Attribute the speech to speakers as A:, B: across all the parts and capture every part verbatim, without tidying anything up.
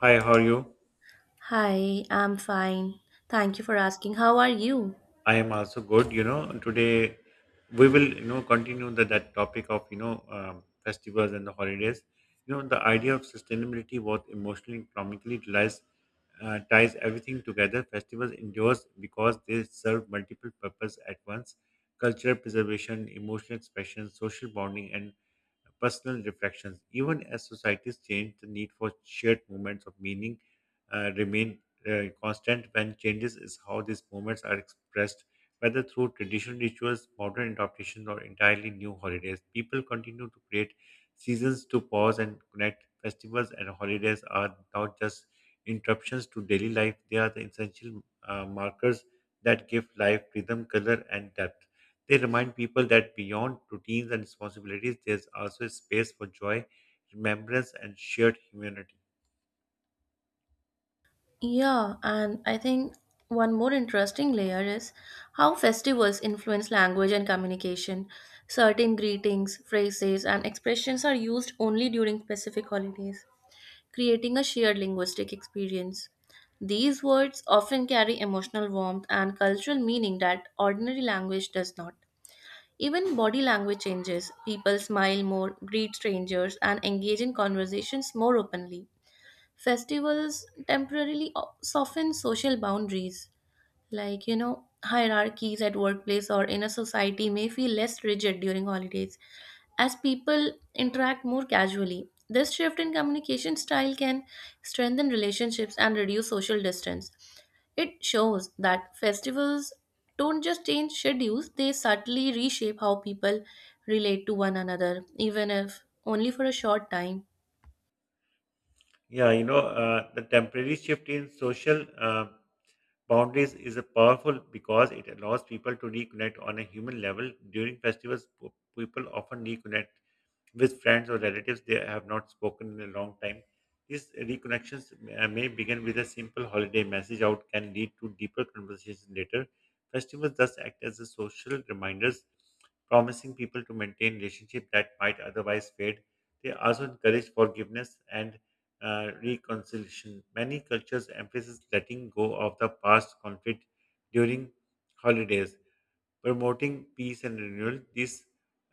A: Hi, how are you?
B: Hi, I'm fine. Thank you for asking. How are you?
A: I am also good. You know, today we will, you know, continue the, that topic of, you know, um, festivals and the holidays. You know, the idea of sustainability, both emotionally and economically, relies, uh, ties everything together. Festivals endures because they serve multiple purposes at once: cultural preservation, emotional expression, social bonding, and personal reflections. Even as societies change, the need for shared moments of meaning uh, remain uh, constant when changes is how these moments are expressed, whether through traditional rituals, modern adaptations, or entirely new holidays. People continue to create seasons to pause and connect. Festivals and holidays are not just interruptions to daily life, they are the essential uh, markers that give life rhythm, color, and depth. They remind people that beyond routines and responsibilities, there's also a space for joy, remembrance, and shared humanity.
B: Yeah, and I think one more interesting layer is how festivals influence language and communication. Certain greetings, phrases, and expressions are used only during specific holidays, creating a shared linguistic experience. These words often carry emotional warmth and cultural meaning that ordinary language does not. Even body language changes. People smile more, greet strangers, and engage in conversations more openly. Festivals temporarily o- soften social boundaries. Like, you know, hierarchies at workplace or in a society may feel less rigid during holidays as people interact more casually. This shift in communication style can strengthen relationships and reduce social distance. It shows that festivals don't just change schedules, they subtly reshape how people relate to one another, even if only for a short time.
A: Yeah, you know, uh, the temporary shift in social uh, boundaries is a powerful because it allows people to reconnect on a human level. During festivals, po- people often reconnect with friends or relatives they have not spoken in a long time. These reconnections uh, may begin with a simple holiday message out can lead to deeper conversations later. Festivals thus act as a social reminders, promising people to maintain relationships that might otherwise fade. They also encourage forgiveness and uh, reconciliation. Many cultures emphasize letting go of the past conflict during holidays promoting peace and renewal. This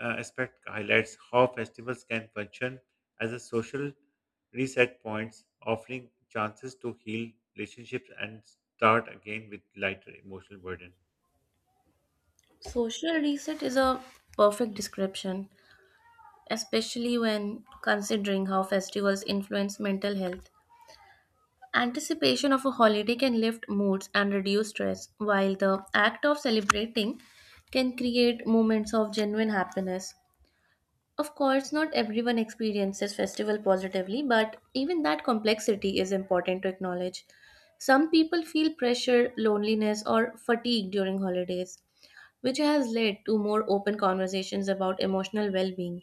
A: uh, aspect highlights how festivals can function as a social reset points, offering chances to heal relationships and start again with lighter emotional burden.
B: Social reset is a perfect description, especially when considering how festivals influence mental health. Anticipation of a holiday can lift moods and reduce stress, while the act of celebrating can create moments of genuine happiness. Of course, not everyone experiences festival positively, but even that complexity is important to acknowledge. Some people feel pressure, loneliness, or fatigue during holidays, which has led to more open conversations about emotional well being.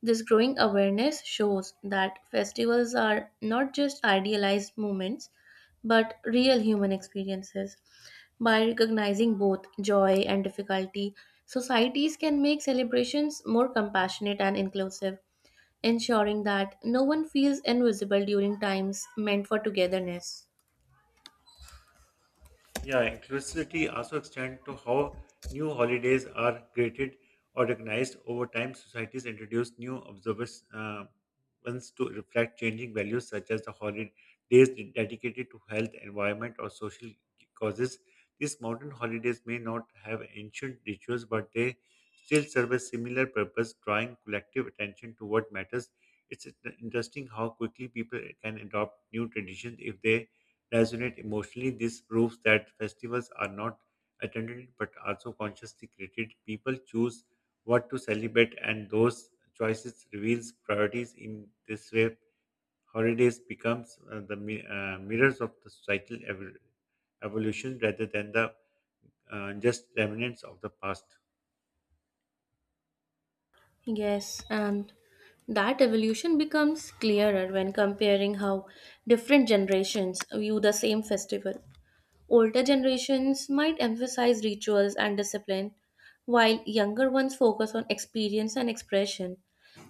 B: This growing awareness shows that festivals are not just idealized moments, but real human experiences. By recognizing both joy and difficulty, societies can make celebrations more compassionate and inclusive, ensuring that no one feels invisible during times meant for togetherness.
A: Yeah, inclusivity also extends to how new holidays are created or recognized over time. Societies introduce new observers uh, ones to reflect changing values, such as the holidays dedicated to health, environment, or social causes. These modern holidays may not have ancient rituals, but they still serve a similar purpose, drawing collective attention to what matters. It's interesting how quickly people can adopt new traditions if they resonate emotionally. This proves that festivals are not attended but also consciously created. People choose what to celebrate, and those choices reveals priorities. In this way, holidays becomes uh, the mi- uh, mirrors of the societal ev- evolution rather than the uh, just remnants of the past.
B: Yes, and that evolution becomes clearer when comparing how different generations view the same festival. Older generations might emphasize rituals and discipline, while younger ones focus on experience and expression.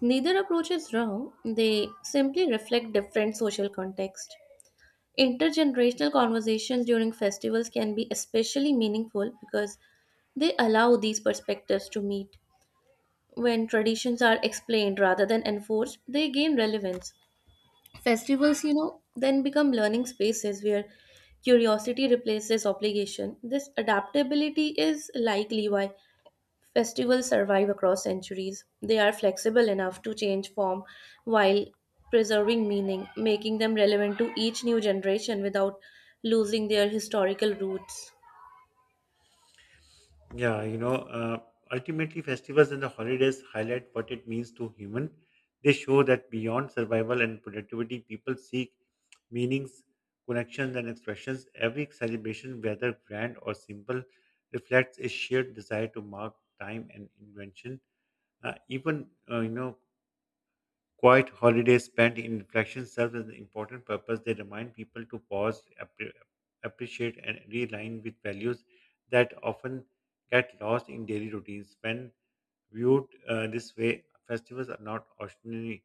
B: Neither approach is wrong, they simply reflect different social context. Intergenerational conversations during festivals can be especially meaningful because they allow these perspectives to meet. When traditions are explained rather than enforced, they gain relevance. Festivals, you know, then become learning spaces where curiosity replaces obligation. This adaptability is likely why festivals survive across centuries. They are flexible enough to change form while preserving meaning, making them relevant to each new generation without losing their historical roots.
A: Yeah, you know, uh, ultimately, festivals and the holidays highlight what it means to human. They show that beyond survival and productivity, people seek meanings, connections, and expressions. Every celebration, whether grand or simple, reflects a shared desire to mark time and invention. Uh, even uh, you know quiet holidays spent in reflection serve as an important purpose. They remind people to pause, appre- appreciate, and realign with values that often get lost in daily routines. When viewed uh, this way, festivals are not ordinary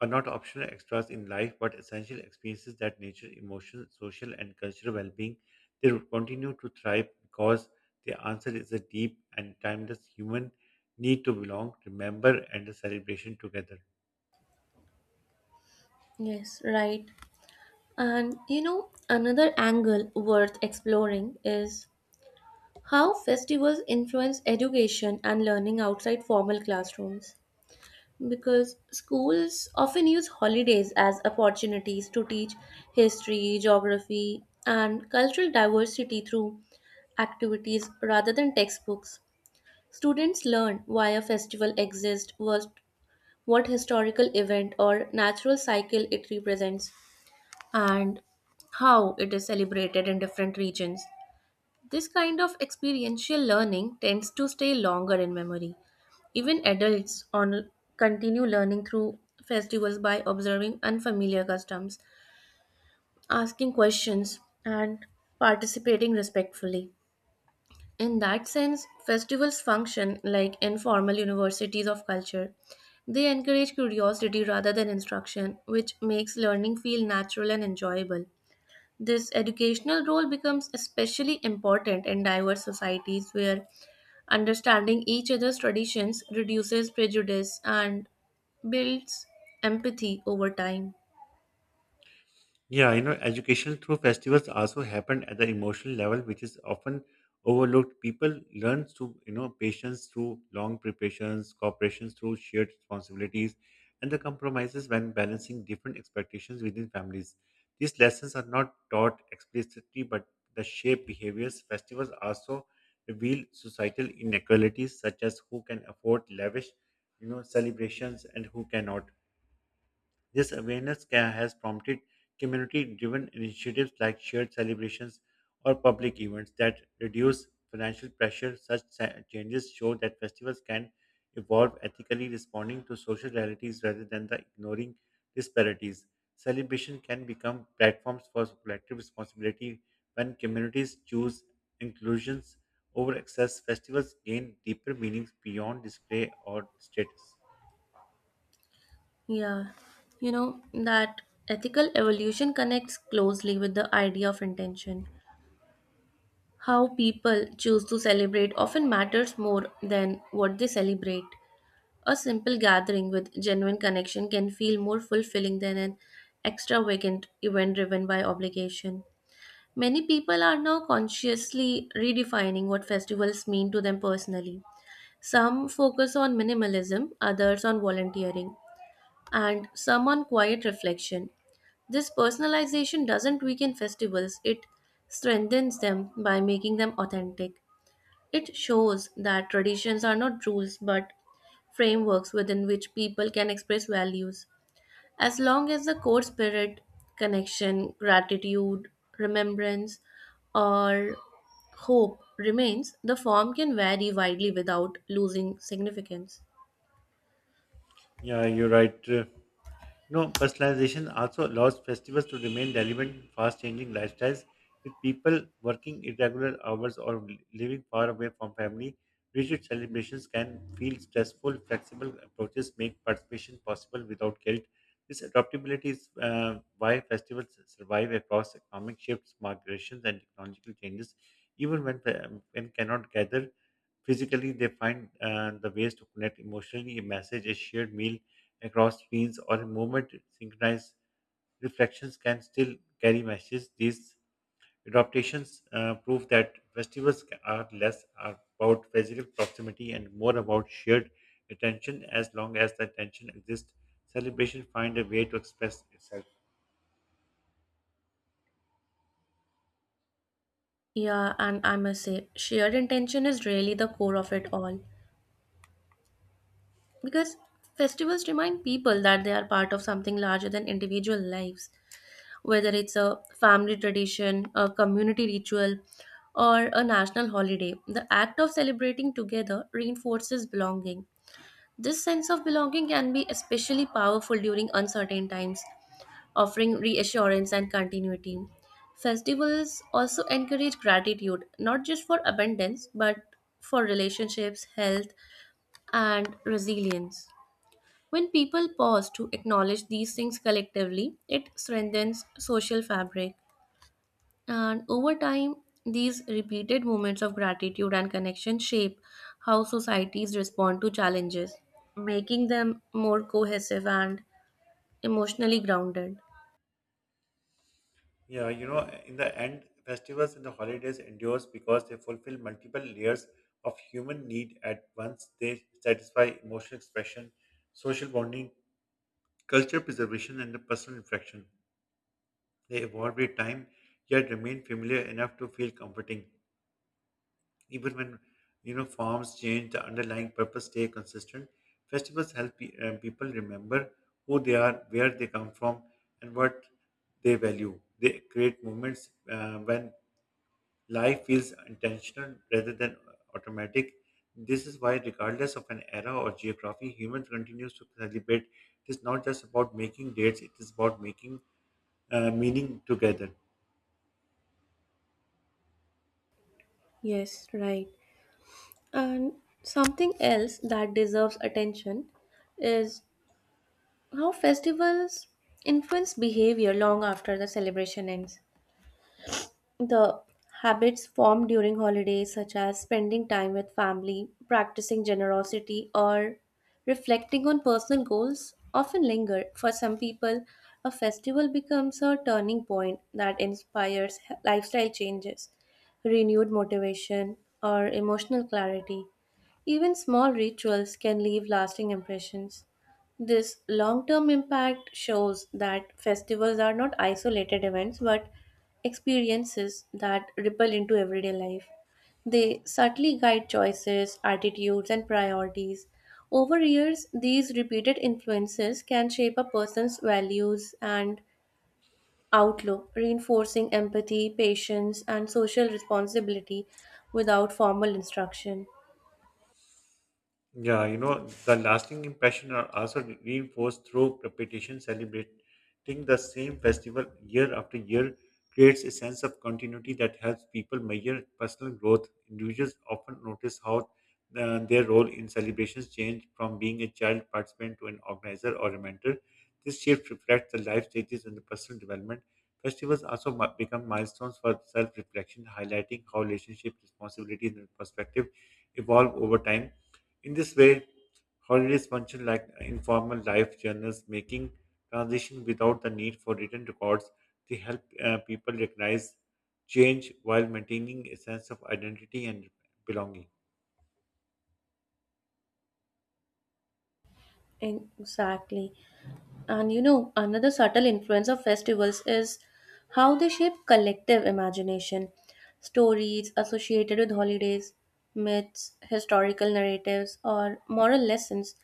A: are not optional extras in life, but essential experiences that nature, emotional, social, and cultural well-being. They will continue to thrive because the answer is a deep and timeless human need to belong, remember, and a celebration together.
B: Yes, right. And you know, another angle worth exploring is how festivals influence education and learning outside formal classrooms, because schools often use holidays as opportunities to teach history, geography, and cultural diversity through activities rather than textbooks. Students learn why a festival exists, what, what historical event or natural cycle it represents, and how it is celebrated in different regions. This kind of experiential learning tends to stay longer in memory. Even adults on continue learning through festivals by observing unfamiliar customs, asking questions, and participating respectfully. In that sense, festivals function like informal universities of culture. They encourage curiosity rather than instruction, which makes learning feel natural and enjoyable. This educational role becomes especially important in diverse societies where understanding each other's traditions reduces prejudice and builds empathy over time.
A: Yeah, you know, education through festivals also happen at the emotional level, which is often overlooked. People learn to, you know, patience through long preparations, cooperation through shared responsibilities, and the compromises when balancing different expectations within families. These lessons are not taught explicitly, but the shape behaviors. Festivals also reveal societal inequalities, such as who can afford lavish, you know, celebrations and who cannot. This awareness ca- has prompted community driven initiatives like shared celebrations or public events that reduce financial pressure. Such sa- changes show that festivals can evolve ethically, responding to social realities rather than the ignoring disparities. Celebration can become platforms for collective responsibility when communities choose inclusions over excess. Festivals gain deeper meanings beyond display or status.
B: Yeah, you know that ethical evolution connects closely with the idea of intention. How people choose to celebrate often matters more than what they celebrate. A simple gathering with genuine connection can feel more fulfilling than an extravagant event driven by obligation. Many people are now consciously redefining what festivals mean to them personally. Some focus on minimalism, others on volunteering, and some on quiet reflection. This personalization doesn't weaken festivals, it strengthens them by making them authentic. It shows that traditions are not rules but frameworks within which people can express values. As long as the core spirit, connection, gratitude, remembrance, or hope remains, the form can vary widely without losing significance.
A: Yeah, you're right. Uh, You know, personalization also allows festivals to remain relevant in fast-changing lifestyles, with people working irregular hours or living far away from family. Rigid celebrations can feel stressful. Flexible approaches make participation possible without guilt. This adaptability is uh, why festivals survive across economic shifts, migrations, and technological changes. Even when um, when cannot gather physically, they find uh, the ways to connect emotionally. A message, a shared meal, across screens or movement synchronized reflections can still carry messages. These adaptations uh, prove that festivals are less about physical proximity and more about shared attention. As long as the attention exists, celebration find a way to express itself.
B: Yeah, and I must say, shared intention is really the core of it all. Because festivals remind people that they are part of something larger than individual lives, whether it's a family tradition, a community ritual, or a national holiday. The act of celebrating together reinforces belonging. This sense of belonging can be especially powerful during uncertain times, offering reassurance and continuity. Festivals also encourage gratitude, not just for abundance, but for relationships, health, and resilience. When people pause to acknowledge these things collectively, it strengthens social fabric. And over time, these repeated moments of gratitude and connection shape how societies respond to challenges, making them more cohesive and emotionally grounded.
A: Yeah, you know, in the end, festivals and the holidays endures because they fulfill multiple layers of human need at once. They satisfy emotional expression, social bonding, culture preservation and the personal reflection. They evolve with time, yet remain familiar enough to feel comforting. Even when you know forms change, the underlying purpose stay consistent. Festivals help pe- uh, people remember who they are, where they come from, and what they value. They create moments uh, when life feels intentional rather than uh, automatic. This is why, regardless of an era or geography, humans continues to celebrate. It is not just about making dates; it is about making uh, meaning together.
B: Yes, right. And something else that deserves attention is how festivals influence behavior long after the celebration ends. The habits formed during holidays, such as spending time with family, practicing generosity, or reflecting on personal goals, often linger. For some people, a festival becomes a turning point that inspires he- lifestyle changes, renewed motivation, or emotional clarity. Even small rituals can leave lasting impressions. This long term impact shows that festivals are not isolated events but experiences that ripple into everyday life. They subtly guide choices, attitudes, and priorities. Over years, these repeated influences can shape a person's values and outlook, reinforcing empathy, patience, and social responsibility without formal instruction.
A: Yeah, you know, the lasting impression are also re- reinforced through repetition. Celebrating the same festival year after year creates a sense of continuity that helps people measure personal growth. Individuals often notice how uh, their role in celebrations change from being a child participant to an organizer or a mentor. This shift reflects the life stages and the personal development. Festivals also mi- become milestones for self-reflection, highlighting how relationship, responsibilities, and perspective evolve over time. In this way, holidays function like informal life journals, making transition without the need for written records. They help uh, people recognize change while maintaining a sense of identity and belonging.
B: Exactly. And you know, another subtle influence of festivals is how they shape collective imagination. Stories associated with holidays, myths, historical narratives, or moral lessons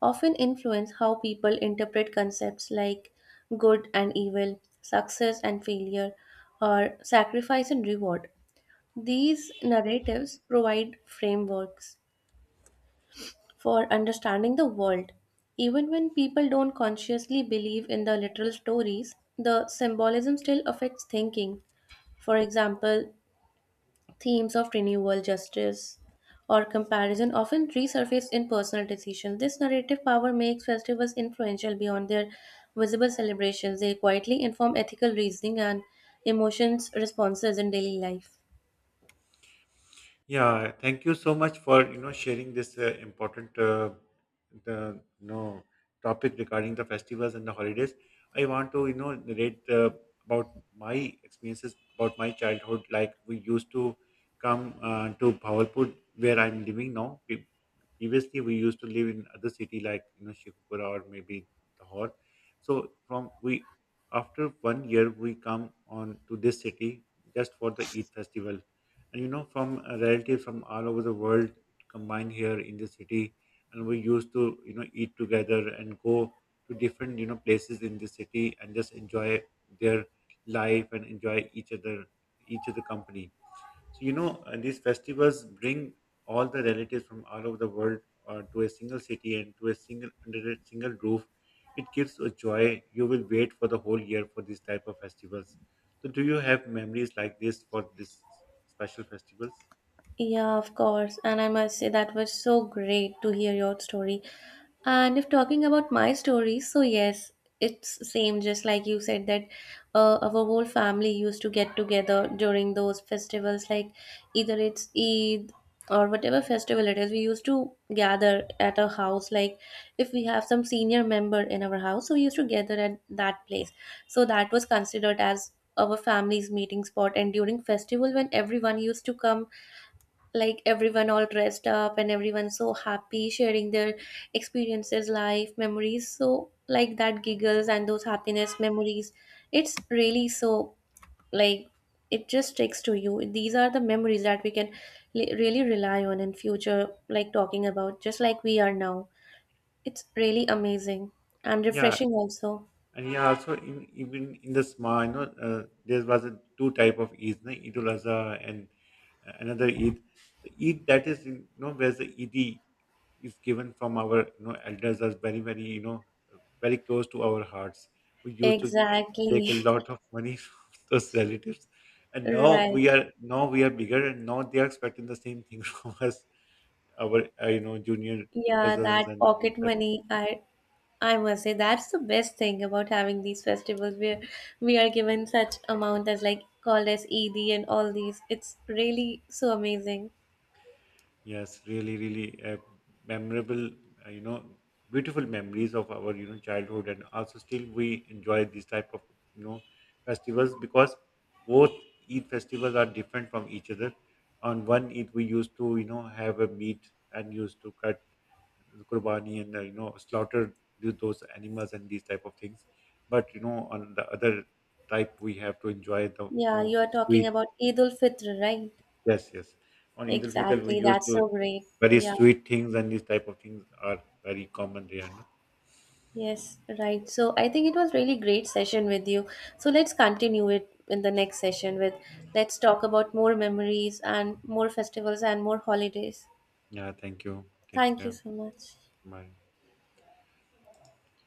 B: often influence how people interpret concepts like good and evil, success and failure, or sacrifice and reward. These narratives provide frameworks for understanding the world. Even when people don't consciously believe in the literal stories, the symbolism still affects thinking. For example, themes of renewal, justice, or comparison often resurface in personal decisions. This narrative power makes festivals influential beyond their visible celebrations. They quietly inform ethical reasoning and emotions responses in daily life.
A: Yeah, thank you so much for you know sharing this uh, important uh, the you know topic regarding the festivals and the holidays. I want to you know narrate uh, about my experiences about my childhood. Like we used to come uh, to Bawalpur where I'm living now. Pre- Previously, we used to live in other city like you know Sheikhupura or maybe Lahore. So from we after one year we come on to this city just for the Eid festival, and you know from a relative from all over the world combine here in the city, and we used to you know eat together and go to different you know places in the city and just enjoy their life and enjoy each other each other company. So, you know, uh, these festivals bring all the relatives from all over the world uh, to a single city and to a single under a single roof. It gives a joy. You will wait for the whole year for these type of festivals. So, do you have memories like this for this special festivals?
B: Yeah, of course. And I must say that was so great to hear your story. And if talking about my story, so yes, it's same just like you said that uh, our whole family used to get together during those festivals, like either it's Eid or whatever festival it is. We used to gather at a house, like if we have some senior member in our house, so we used to gather at that place. So that was considered as our family's meeting spot, and during festival when everyone used to come, like everyone all dressed up and everyone so happy sharing their experiences, life memories, so like that giggles and those happiness memories, it's really so, like, it just sticks to you. These are the memories that we can li- really rely on in future, like talking about just like we are now. It's really amazing and
A: Yeah,
B: refreshing also.
A: and yeah, also in, even in the small, you know, uh, there was a two type of Eid, na? Eid ul Azha and uh, another Eid. The Eid that is, you know, where the Eid is given from our you know elders as very very you know very close to our hearts. We used to uh, take
B: Exactly.
A: a lot of money from those relatives, and now
B: Right.
A: we are now we are bigger, and now they are expecting the same thing from us, our uh, you know junior
B: Yeah, that
A: cousins and this
B: pocket
A: type of
B: money.
A: thing.
B: i I must say that's the best thing about having these festivals where we are given such amount as like called as Eid and all these. It's really so amazing.
A: Yes, really, really uh, memorable, uh, you know, beautiful memories of our, you know, childhood, and also still we enjoy these type of, you know, festivals because both Eid festivals are different from each other. On one Eid, we used to, you know, have a meat and used to cut the qurbani and uh, you know slaughter th- those animals and these type of things. But you know, on the other type, we have to enjoy the, you
B: Yeah,
A: know,
B: you are talking
A: sweet.
B: about Eid ul Fitr, right?
A: Yes, yes. On Eid al Fitr, we
B: Exactly.
A: used
B: That's
A: to
B: so great.
A: very
B: Yeah.
A: sweet things, and these type of things are very common there. No?
B: Yes, right. So I think it was really great session with you. So let's continue it in the next session with, let's talk about more memories and more festivals and more holidays.
A: Yeah, thank you. Take
B: Thank you
A: care.
B: so much.
A: Bye.